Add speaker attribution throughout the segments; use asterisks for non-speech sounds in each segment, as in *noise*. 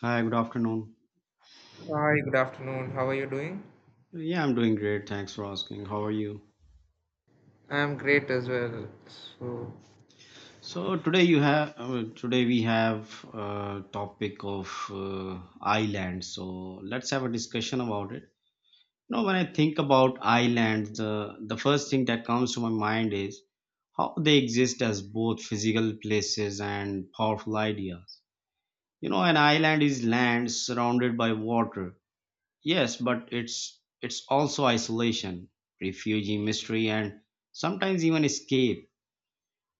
Speaker 1: Hi, good afternoon.
Speaker 2: Hi, good afternoon. How are you doing?
Speaker 1: Yeah, I'm doing great. Thanks for asking. How are you?
Speaker 2: I'm great as well. So,
Speaker 1: So today you have today we have a topic of islands. So let's have a discussion about it. You know, when I think about islands, the first thing that comes to my mind is how they exist as both physical places and powerful ideas. You know, an island is land surrounded by water. Yes, but it's also isolation, refugee mystery, and sometimes even escape.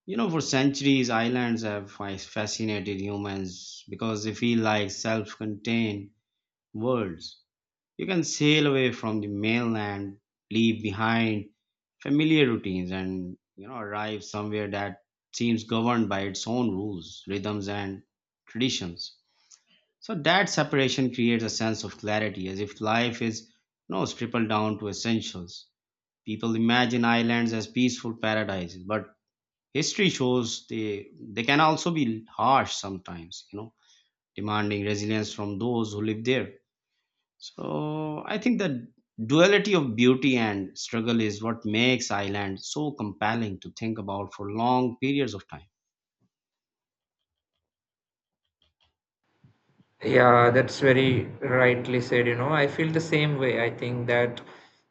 Speaker 1: You know, for centuries, islands have fascinated humans because they feel like self-contained worlds. You can sail away from the mainland, leave behind familiar routines, and you know, arrive somewhere that seems governed by its own rules, rhythms, and traditions. So that separation creates a sense of clarity, as if life is you know, stripped down to essentials. People imagine islands as peaceful paradises, but history shows they can also be harsh sometimes, you know, demanding resilience from those who live there. So I think the duality of beauty and struggle is what makes island so compelling to think about for long periods of time.
Speaker 2: yeah, that's very rightly said. You know, I feel the same way. I think that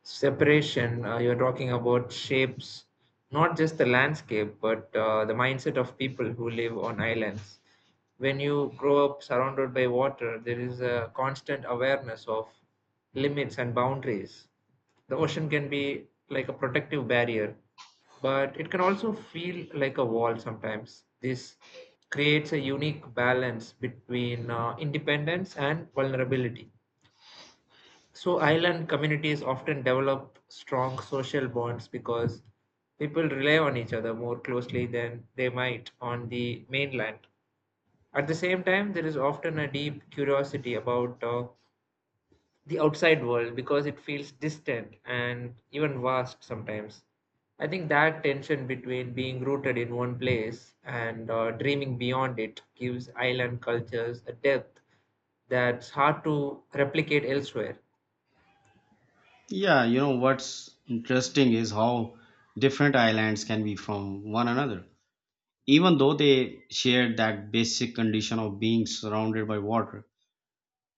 Speaker 2: separation you're talking about shapes not just the landscape, but the mindset of people who live on islands. When you grow up surrounded by water, there is a constant awareness of limits and boundaries. The ocean can be like a protective barrier, but it can also feel like a wall sometimes. This creates a unique balance between independence and vulnerability. So, island communities often develop strong social bonds because people rely on each other more closely than they might on the mainland. At the same time, there is often a deep curiosity about the outside world because it feels distant and even vast sometimes. I think that tension between being rooted in one place and dreaming beyond it gives island cultures a depth that's hard to replicate elsewhere.
Speaker 1: Yeah, you know what's interesting is how different islands can be from one another even though they share that basic condition of being surrounded by water.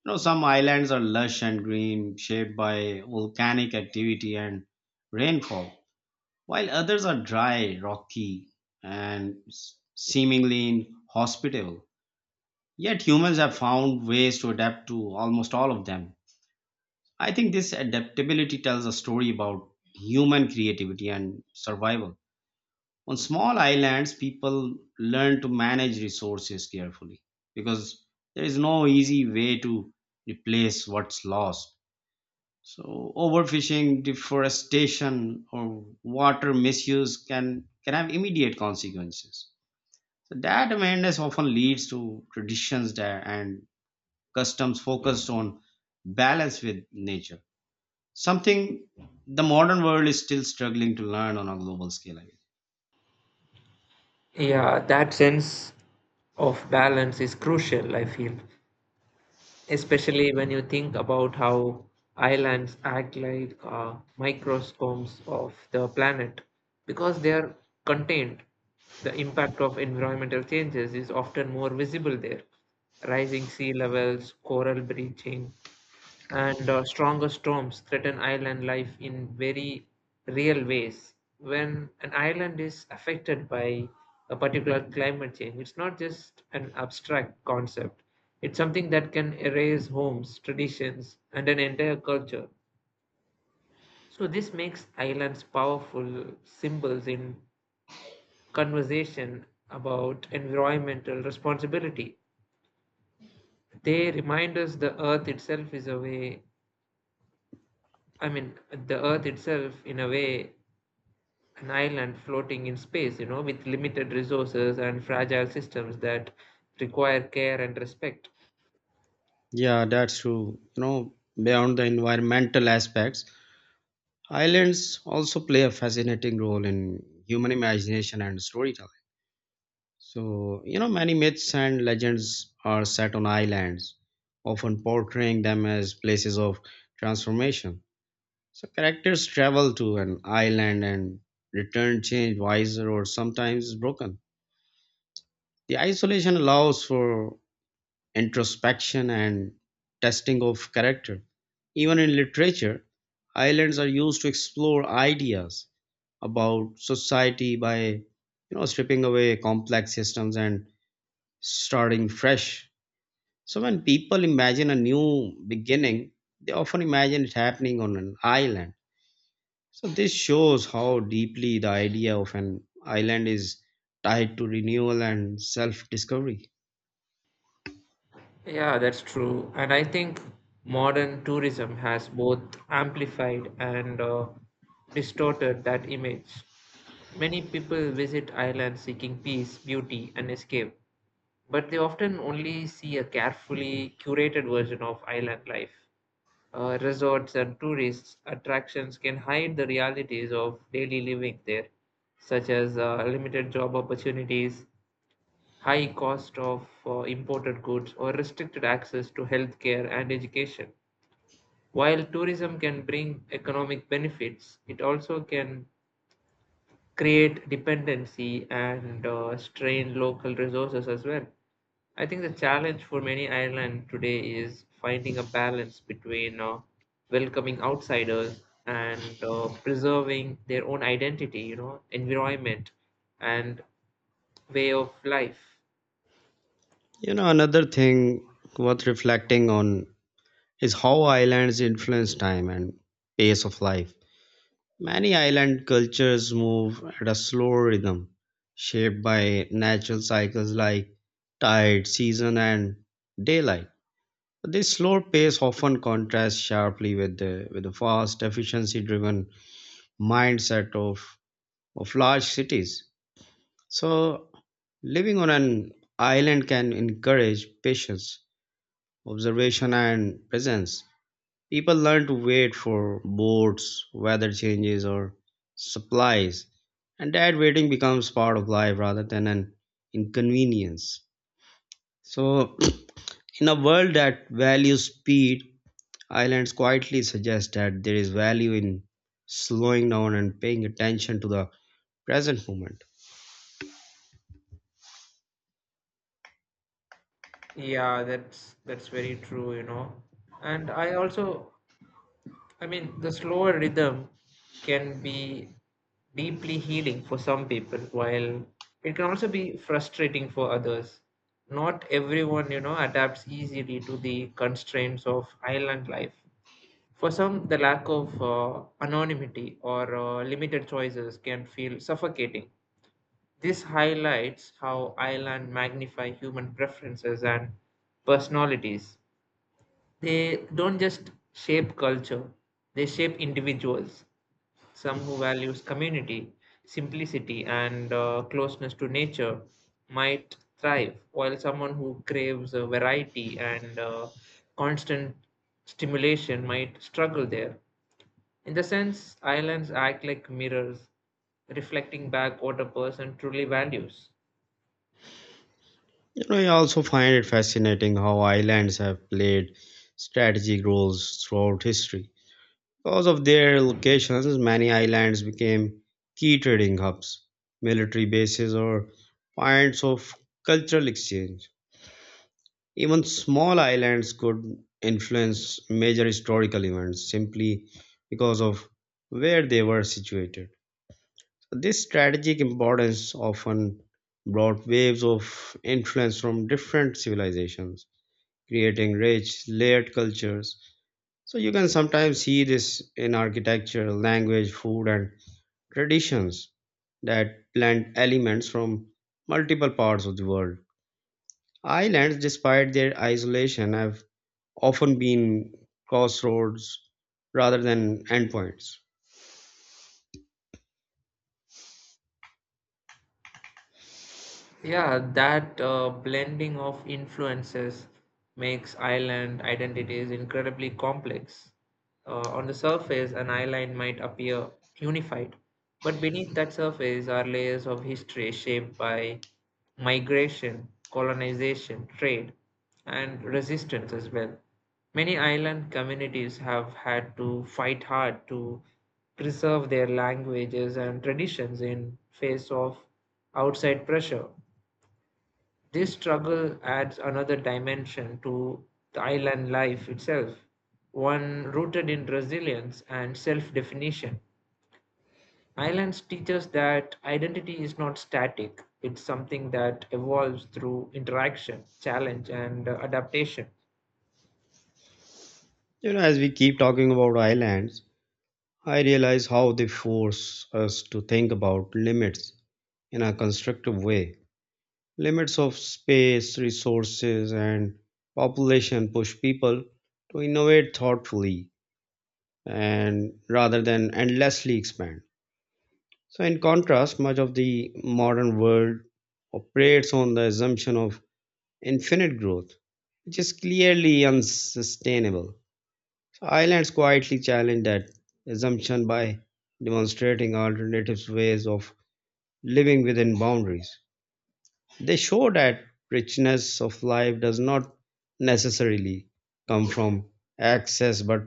Speaker 1: You know, some islands are lush and green, shaped by volcanic activity and rainfall, while others are dry, rocky, and seemingly inhospitable. Yet humans have found ways to adapt to almost all of them. I think this adaptability tells a story about human creativity and survival. On small islands, people learn to manage resources carefully because there is no easy way to replace what's lost. So, overfishing, deforestation, or water misuse can have immediate consequences. So, that awareness often leads to traditions that, and customs focused on balance with nature, something the modern world is still struggling to learn on a global scale. I guess.
Speaker 2: Yeah, that sense of balance is crucial, I feel, especially when you think about how islands act like microscopes of the planet because they are contained. The impact of environmental changes is often more visible there: rising sea levels, coral bleaching, and stronger storms threaten island life in very real ways. When an island is affected by a particular climate change, it's not just an abstract concept, it's something that can erase homes, traditions, and an entire culture. So, this makes islands powerful symbols in conversation about environmental responsibility. They remind us the earth itself is a way, I mean, in a way, an island floating in space, you know, with limited resources and fragile systems that require care and respect.
Speaker 1: Yeah, that's true. You know, beyond the environmental aspects, islands also play a fascinating role in human imagination and storytelling. So, you know, many myths and legends are set on islands, often portraying them as places of transformation. So, characters travel to an island and return changed, wiser, or sometimes broken. The isolation allows for introspection, and testing of character. Even in literature, islands are used to explore ideas about society by you know stripping away complex systems and starting fresh. So when people imagine a new beginning, they often imagine it happening on an island. So this shows how deeply the idea of an island is tied to renewal and self-discovery.
Speaker 2: Yeah, that's true. And I think modern tourism has both amplified and distorted that image. Many people visit islands seeking peace, beauty, and escape, but they often only see a carefully curated version of island life. Resorts and tourist attractions can hide the realities of daily living there, such as limited job opportunities, high cost of imported goods, or restricted access to healthcare and education. While tourism can bring economic benefits, it also can create dependency and strain local resources as well. I think the challenge for many Ireland today is finding a balance between welcoming outsiders and preserving their own identity, you know, environment and way of life.
Speaker 1: You know, another thing worth reflecting on is how islands influence time and pace of life. Many island cultures move at a slow rhythm, shaped by natural cycles like tide, season, and daylight. This slow pace often contrasts sharply with the fast, efficiency-driven mindset of large cities. So, living on an island can encourage patience, observation, and presence. People learn to wait for boats, weather changes, or supplies, and that waiting becomes part of life rather than an inconvenience. So, *clears throat* in a world that values speed, islands quietly suggest that there is value in slowing down and paying attention to the present moment.
Speaker 2: Yeah, that's very true, you know. And I also, the slower rhythm can be deeply healing for some people, while it can also be frustrating for others. Not everyone, you know, adapts easily to the constraints of island life. For some, the lack of anonymity or limited choices can feel suffocating. This highlights how island magnify human preferences and personalities. They don't just shape culture, they shape individuals. Some who values community, simplicity, and closeness to nature might thrive, while someone who craves variety and constant stimulation might struggle there. In the sense, islands act like mirrors, reflecting back what a person truly values.
Speaker 1: You know, I also find it fascinating how islands have played strategic roles throughout history. Because of their locations, many islands became key trading hubs, military bases, or points of cultural exchange. Even small islands could influence major historical events simply because of where they were situated. This strategic importance often brought waves of influence from different civilizations, creating rich, layered cultures. So you can sometimes see this in architecture, language, food, and traditions that blend elements from multiple parts of the world. Islands, despite their isolation, have often been crossroads rather than endpoints.
Speaker 2: Yeah, that blending of influences makes island identities incredibly complex. On the surface, an island might appear unified, but beneath that surface are layers of history shaped by migration, colonization, trade, and resistance as well. Many island communities have had to fight hard to preserve their languages and traditions in face of outside pressure. This struggle adds another dimension to the island life itself, one rooted in resilience and self definition. Islands teach us that identity is not static, it's something that evolves through interaction, challenge, and adaptation.
Speaker 1: You know, as we keep talking about islands, I realize how they force us to think about limits in a constructive way. Limits of space, resources, and population push people to innovate thoughtfully and rather than endlessly expand. So, in contrast, much of the modern world operates on the assumption of infinite growth, which is clearly unsustainable. So, islands quietly challenge that assumption by demonstrating alternative ways of living within boundaries. They show that richness of life does not necessarily come from excess but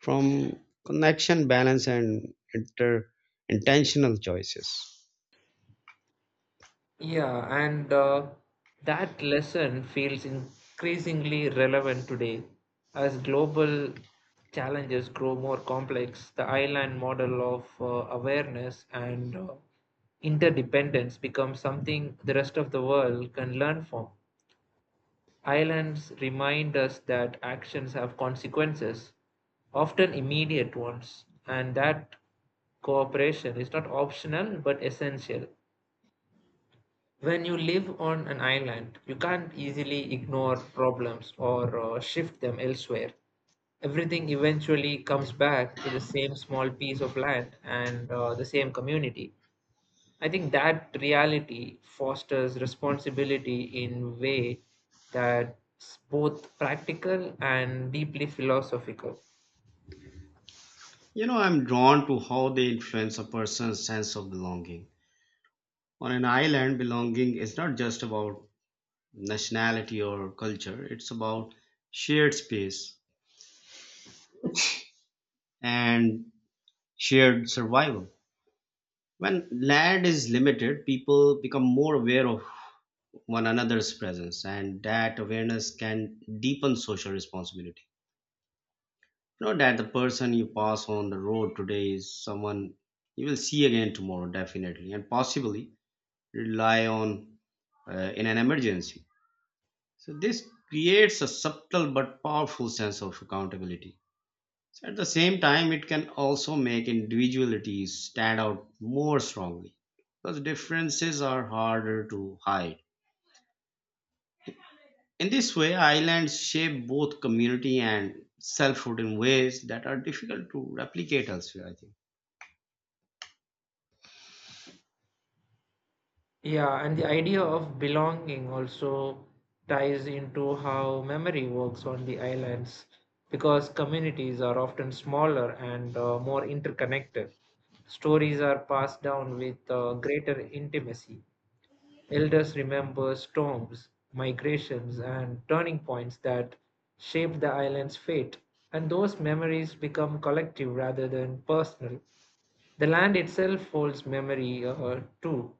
Speaker 1: from connection, balance, and intentional choices.
Speaker 2: Yeah, and that lesson feels increasingly relevant today. As global challenges grow more complex, the island model of awareness and interdependence becomes something the rest of the world can learn from. Islands remind us that actions have consequences, often immediate ones, and that cooperation is not optional but essential. When you live on an island, you can't easily ignore problems or shift them elsewhere. Everything eventually comes back to the same small piece of land and the same community. I think that reality fosters responsibility in a way that's both practical and deeply philosophical.
Speaker 1: You know, I'm drawn to how they influence a person's sense of belonging. On an island, belonging is not just about nationality or culture, it's about shared space and shared survival. When land is limited, people become more aware of one another's presence, and that awareness can deepen social responsibility. Know that the person you pass on the road today is someone you will see again tomorrow, definitely, and possibly rely on in an emergency. So, this creates a subtle but powerful sense of accountability. So at the same time, it can also make individualities stand out more strongly because differences are harder to hide. In this way, islands shape both community and selfhood in ways that are difficult to replicate elsewhere, I think.
Speaker 2: Yeah, and the idea of belonging also ties into how memory works on the islands because communities are often smaller and more interconnected. Stories are passed down with greater intimacy. Elders remember storms, migrations, and turning points that shaped the island's fate, and those memories become collective rather than personal. The land itself holds memory too.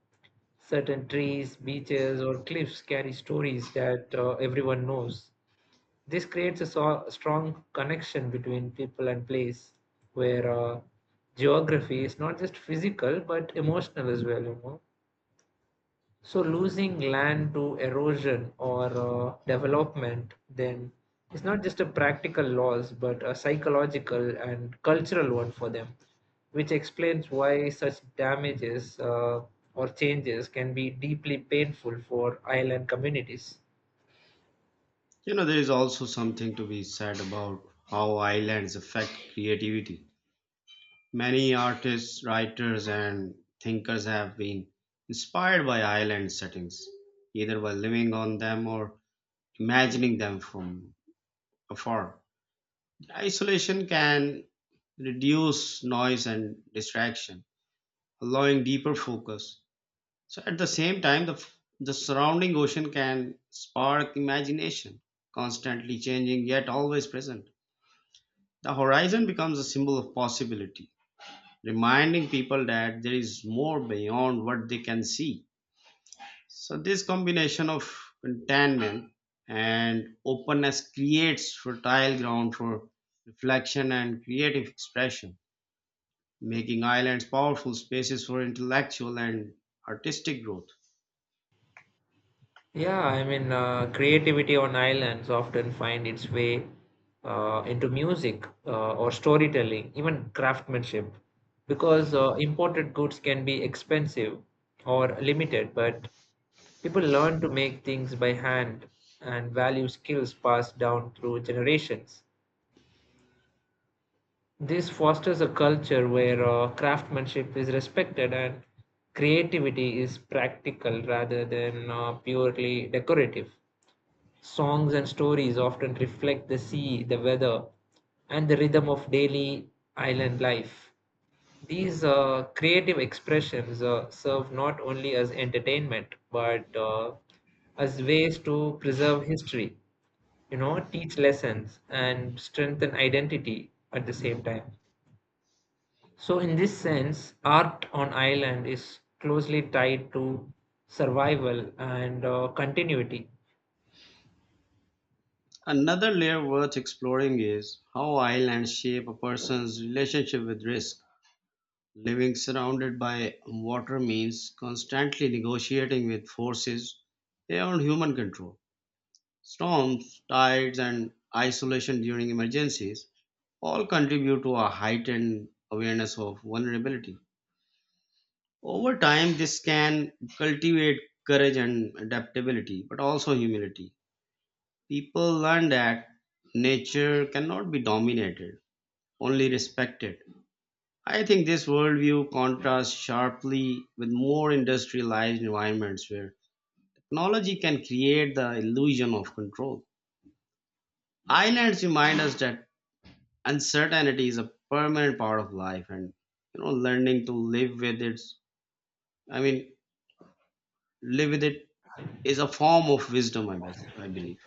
Speaker 2: Certain trees, beaches, or cliffs carry stories that everyone knows. This creates a strong connection between people and place, where geography is not just physical but emotional as well. You know, so losing land to erosion or development then is not just a practical loss, but a psychological and cultural one for them, which explains why such damages or changes can be deeply painful for island communities.
Speaker 1: You know, there is also something to be said about how islands affect creativity. Many artists, writers, and thinkers have been inspired by island settings, either by living on them or imagining them from afar. Isolation can reduce noise and distraction, allowing deeper focus. So, at the same time, the surrounding ocean can spark imagination, constantly changing yet always present. The horizon becomes a symbol of possibility, reminding people that there is more beyond what they can see. So, this combination of contentment and openness creates fertile ground for reflection and creative expression, making islands powerful spaces for intellectual and artistic growth.
Speaker 2: Yeah, creativity on islands often find its way into music or storytelling, even craftsmanship, because imported goods can be expensive or limited, but people learn to make things by hand and value skills passed down through generations. This fosters a culture where craftsmanship is respected and creativity is practical rather than purely decorative. Songs and stories often reflect the sea, the weather, and the rhythm of daily island life. These creative expressions serve not only as entertainment but as ways to preserve history, you know, teach lessons, and strengthen identity at the same time. So, in this sense, art on island is closely tied to survival and continuity.
Speaker 1: Another layer worth exploring is how islands shape a person's relationship with risk. Living surrounded by water means constantly negotiating with forces beyond human control. Storms, tides, and isolation during emergencies all contribute to a heightened awareness of vulnerability. Over time, this can cultivate courage and adaptability, but also humility. People learn that nature cannot be dominated, only respected. I think this worldview contrasts sharply with more industrialized environments where technology can create the illusion of control. Islands remind us that uncertainty is a permanent part of life and you know learning to live with it I mean live with it is a form of wisdom I believe.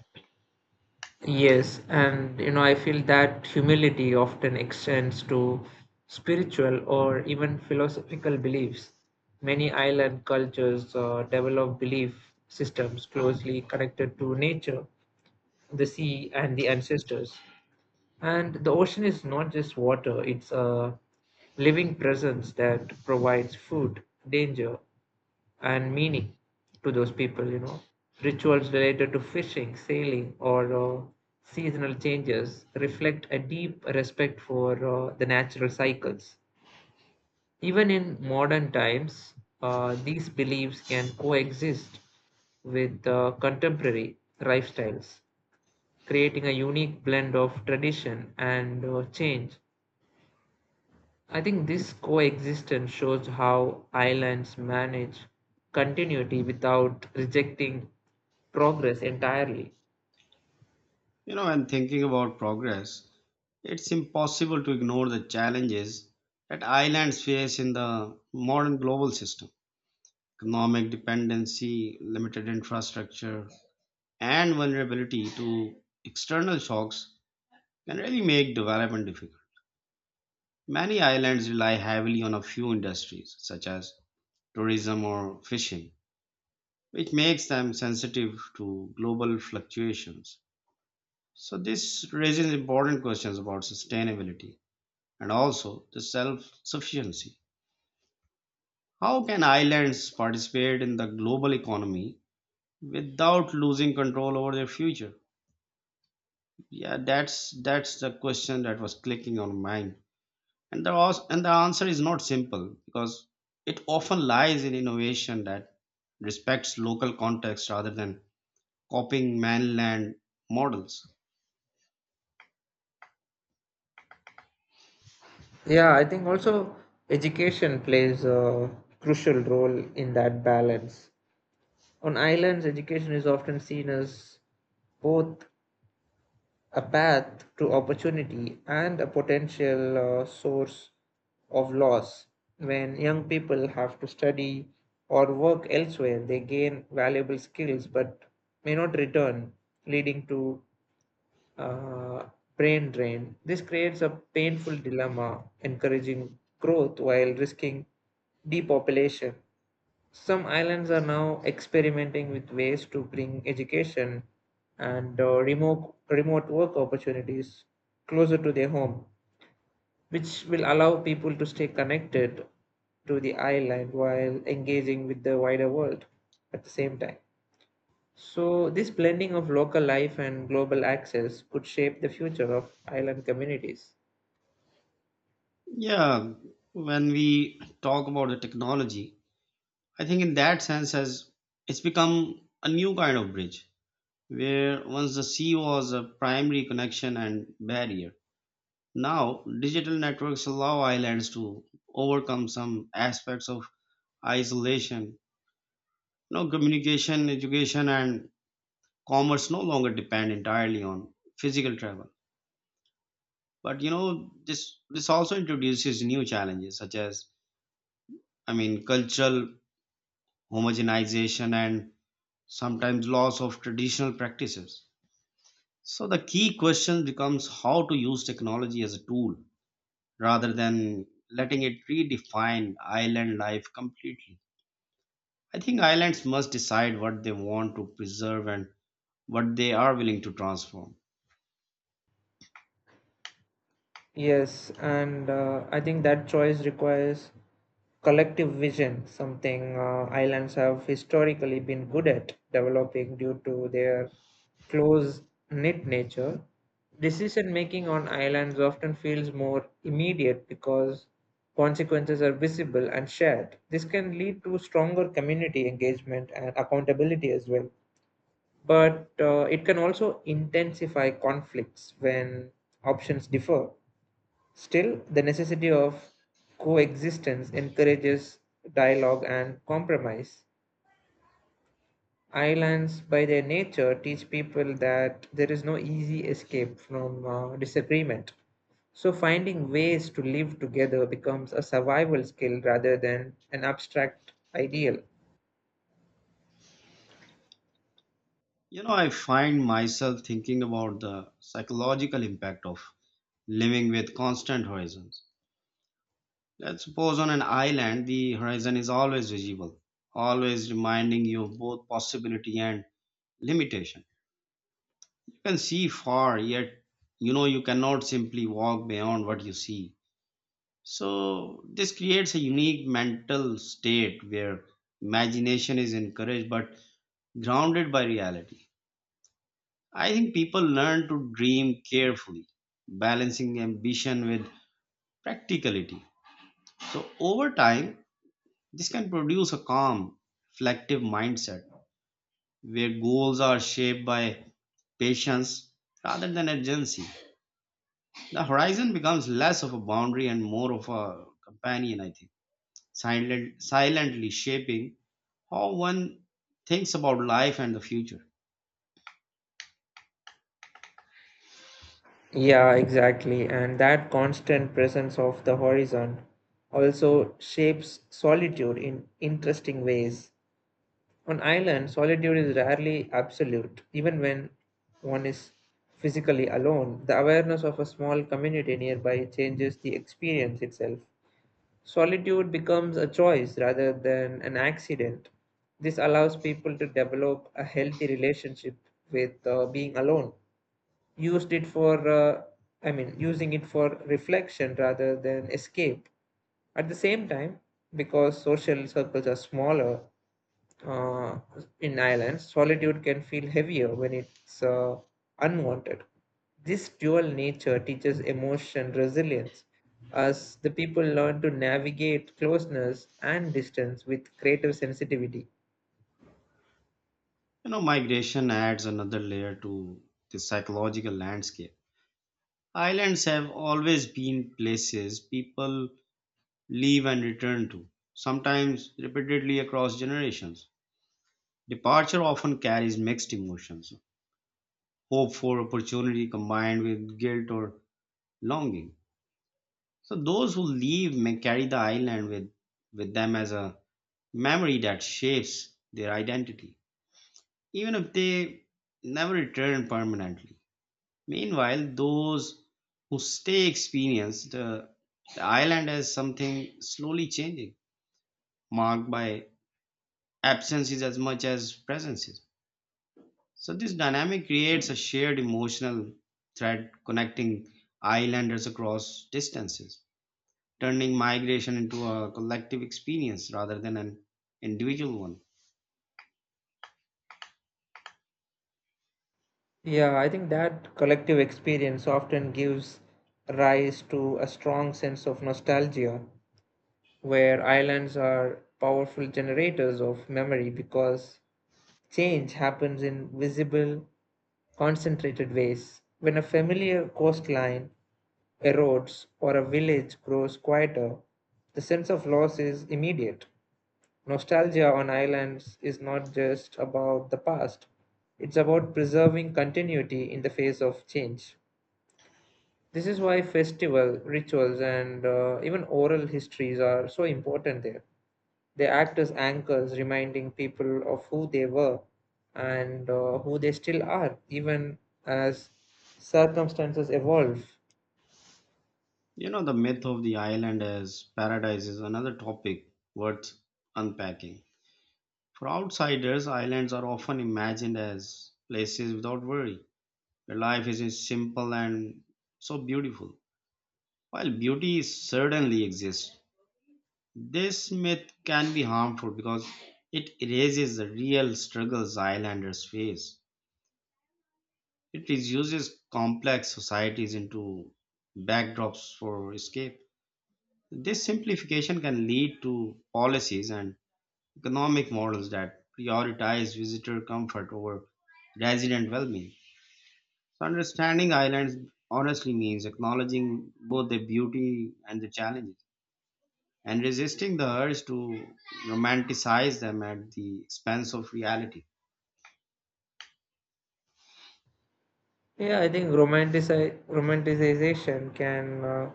Speaker 2: Yes, and you know, I feel that humility often extends to spiritual or even philosophical beliefs. Many island cultures develop belief systems closely connected to nature, the sea, and the ancestors. And the ocean is not just water, it's a living presence that provides food, danger, and meaning to those people, you know. Rituals related to fishing, sailing, or seasonal changes reflect a deep respect for the natural cycles. Even in modern times, these beliefs can coexist with contemporary lifestyles, creating a unique blend of tradition and change. I think this coexistence shows how islands manage continuity without rejecting progress entirely.
Speaker 1: You know when thinking about progress it's impossible to ignore the challenges that islands face in the modern global system economic dependency, limited infrastructure, and vulnerability to external shocks can really make development difficult. Many islands rely heavily on a few industries, such as tourism or fishing, which makes them sensitive to global fluctuations. So, this raises important questions about sustainability and also the self sufficiency. How can islands participate in the global economy without losing control over their future? Yeah, that's the question that was clicking on mine, and and the answer is not simple because it often lies in innovation that respects local context rather than copying mainland models.
Speaker 2: Yeah, I think also education plays a crucial role in that balance. On islands, education is often seen as both a path to opportunity and a potential source of loss. When young people have to study or work elsewhere, they gain valuable skills but may not return, leading to uh, brain drain. This creates a painful dilemma, encouraging growth while risking depopulation. Some islands are now experimenting with ways to bring education and uh, remote work opportunities closer to their home, which will allow people to stay connected to the island while engaging with the wider world at the same time. So, this blending of local life and global access could shape the future of island communities.
Speaker 1: Yeah, when we talk about the technology, I think in that sense has it's become a new kind of bridge where once the sea was a primary connection and barrier. Now, digital networks allow islands to overcome some aspects of isolation. Now, communication, education, and commerce no longer depend entirely on physical travel. But you know, this also introduces new challenges such as, I mean, cultural homogenization and sometimes loss of traditional practices. So the key question becomes how to use technology as a tool rather than letting it redefine island life completely. I think islands must decide what they want to preserve and what they are willing to transform.
Speaker 2: Yes, and I think that choice requires collective vision, something islands have historically been good at developing due to their close knit nature. Decision making on islands often feels more immediate because consequences are visible and shared. This can lead to stronger community engagement and accountability as well. But it can also intensify conflicts when options differ. Still, the necessity of coexistence encourages dialogue and compromise. Islands, by their nature, teach people that there is no easy escape from disagreement. So, finding ways to live together becomes a survival skill rather than an abstract ideal.
Speaker 1: You know, I find myself thinking about the psychological impact of living with constant horizons. Let's suppose on an island, the horizon is always visible, always reminding you of both possibility and limitation. You can see far, yet you know you cannot simply walk beyond what you see. So this creates a unique mental state where imagination is encouraged but grounded by reality. I think people learn to dream carefully, balancing ambition with practicality. So over time, this can produce a calm, reflective mindset where goals are shaped by patience rather than urgency. The horizon becomes less of a boundary and more of a companion, I think, silently shaping how one thinks about life and the future.
Speaker 2: Yeah, exactly. And that constant presence of the horizon also shapes solitude in interesting ways. On island, solitude is rarely absolute. Even when one is physically alone, the awareness of a small community nearby changes the experience itself. Solitude becomes a choice rather than an accident. This allows people to develop a healthy relationship with being alone. Used it for, I mean, Using it for reflection rather than escape. At the same time, because social circles are smaller, uh, in islands, solitude can feel heavier when it's unwanted. This dual nature teaches emotion resilience as the people learn to navigate closeness and distance with creative sensitivity.
Speaker 1: You know, migration adds another layer to the psychological landscape. Islands have always been places people leave and return to, sometimes repeatedly across generations. Departure often carries mixed emotions hope for opportunity combined with guilt or longing. So, those who leave may carry with them as a memory that shapes their identity, even if they never return permanently. Meanwhile, those who stay experience the island as something slowly changing, marked by absences as much as presences. So, this dynamic creates a shared emotional thread connecting islanders across distances, turning migration into a collective experience rather than an individual one.
Speaker 2: Yeah, I think that collective experience often gives rise to a strong sense of nostalgia, where islands are powerful generators of memory because change happens in visible, concentrated ways. When a familiar coastline erodes or a village grows quieter, the sense of loss is immediate. Nostalgia on islands is not just about the past, it's about preserving continuity in the face of change. This is why festival, rituals, and even oral histories are so important there. They act as anchors, reminding people of who they were and who they still are, even as circumstances evolve.
Speaker 1: You know, the myth of the island as paradise is another topic worth unpacking. For outsiders, islands are often imagined as places without worry, where life is just simple and so beautiful. While beauty certainly exists, this myth can be harmful because it erases the real struggles islanders face. It reduces complex societies into backdrops for escape. This simplification can lead to policies and economic models that prioritize visitor comfort over resident well being. So, understanding islands honestly means acknowledging both their beauty and the challenges and resisting the urge to romanticize them at the expense of reality.
Speaker 2: Yeah, I think romanticization can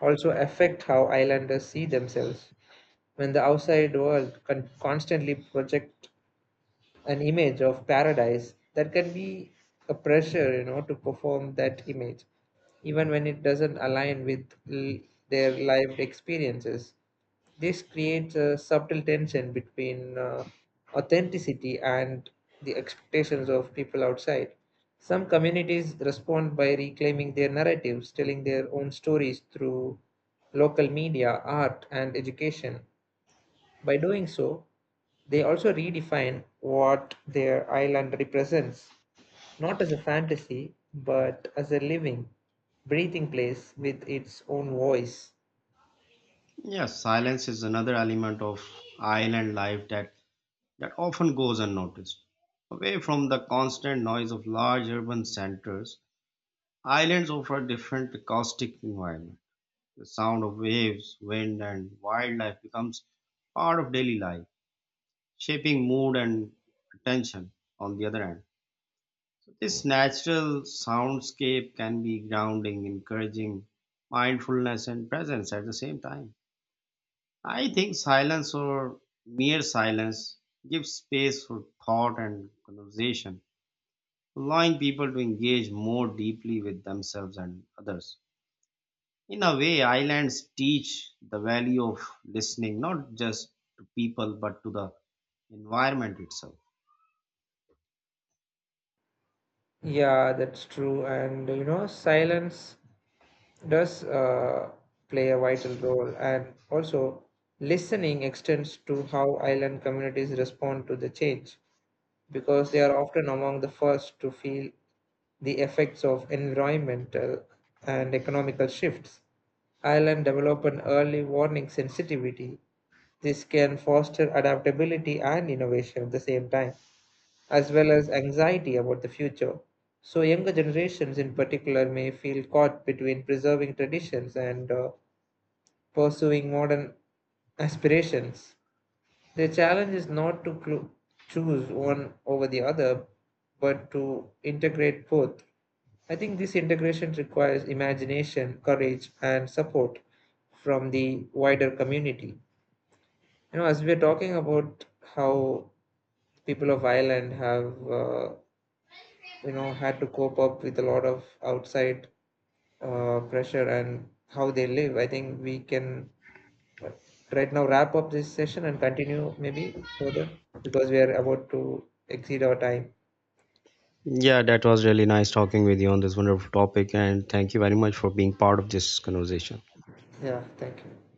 Speaker 2: also affect how islanders see themselves. When the outside world constantly project an image of paradise, that can be a pressure, you know, to perform that image even when it doesn't align with their lived experiences. This creates a subtle tension between authenticity and the expectations of people outside. Some communities respond by reclaiming their narratives, telling their own stories through local media, art, and education. By doing so, they also redefine what their island represents, not as a fantasy, but as a living, breathing place with its own voice.
Speaker 1: Yes, silence is another element of island life that often goes unnoticed. Away from the constant noise of large urban centers, islands offer different acoustic environment. The sound of waves, wind, and wildlife becomes part of daily life, shaping mood and attention. On the other hand, this natural soundscape can be grounding, encouraging mindfulness and presence at the same time. I think silence or mere silence gives space for thought and conversation, allowing people to engage more deeply with themselves and others. In a way islands teach the value of listening not just to people but to the environment itself.
Speaker 2: Yeah, that's true. And you know, silence does play a vital role, and also listening extends to how island communities respond to the change because they are often among the first to feel the effects of environmental and economical shifts. Island develop an early warning sensitivity. This can foster adaptability and innovation at the same time as well as anxiety about the future. So, younger generations in particular may feel caught between preserving traditions and pursuing modern aspirations. The challenge is not to choose one over the other, but to integrate both. I think this integration requires imagination, courage, and support from the wider community. You know, as we're talking about how people of Ireland have you know had to cope up with a lot of outside pressure and how they live, I think we can right now wrap up this session and continue maybe further because we are about to exceed our time.
Speaker 1: Yeah, that was really nice talking with you on this wonderful topic, and thank you very much for being part of this conversation.
Speaker 2: Yeah, thank you.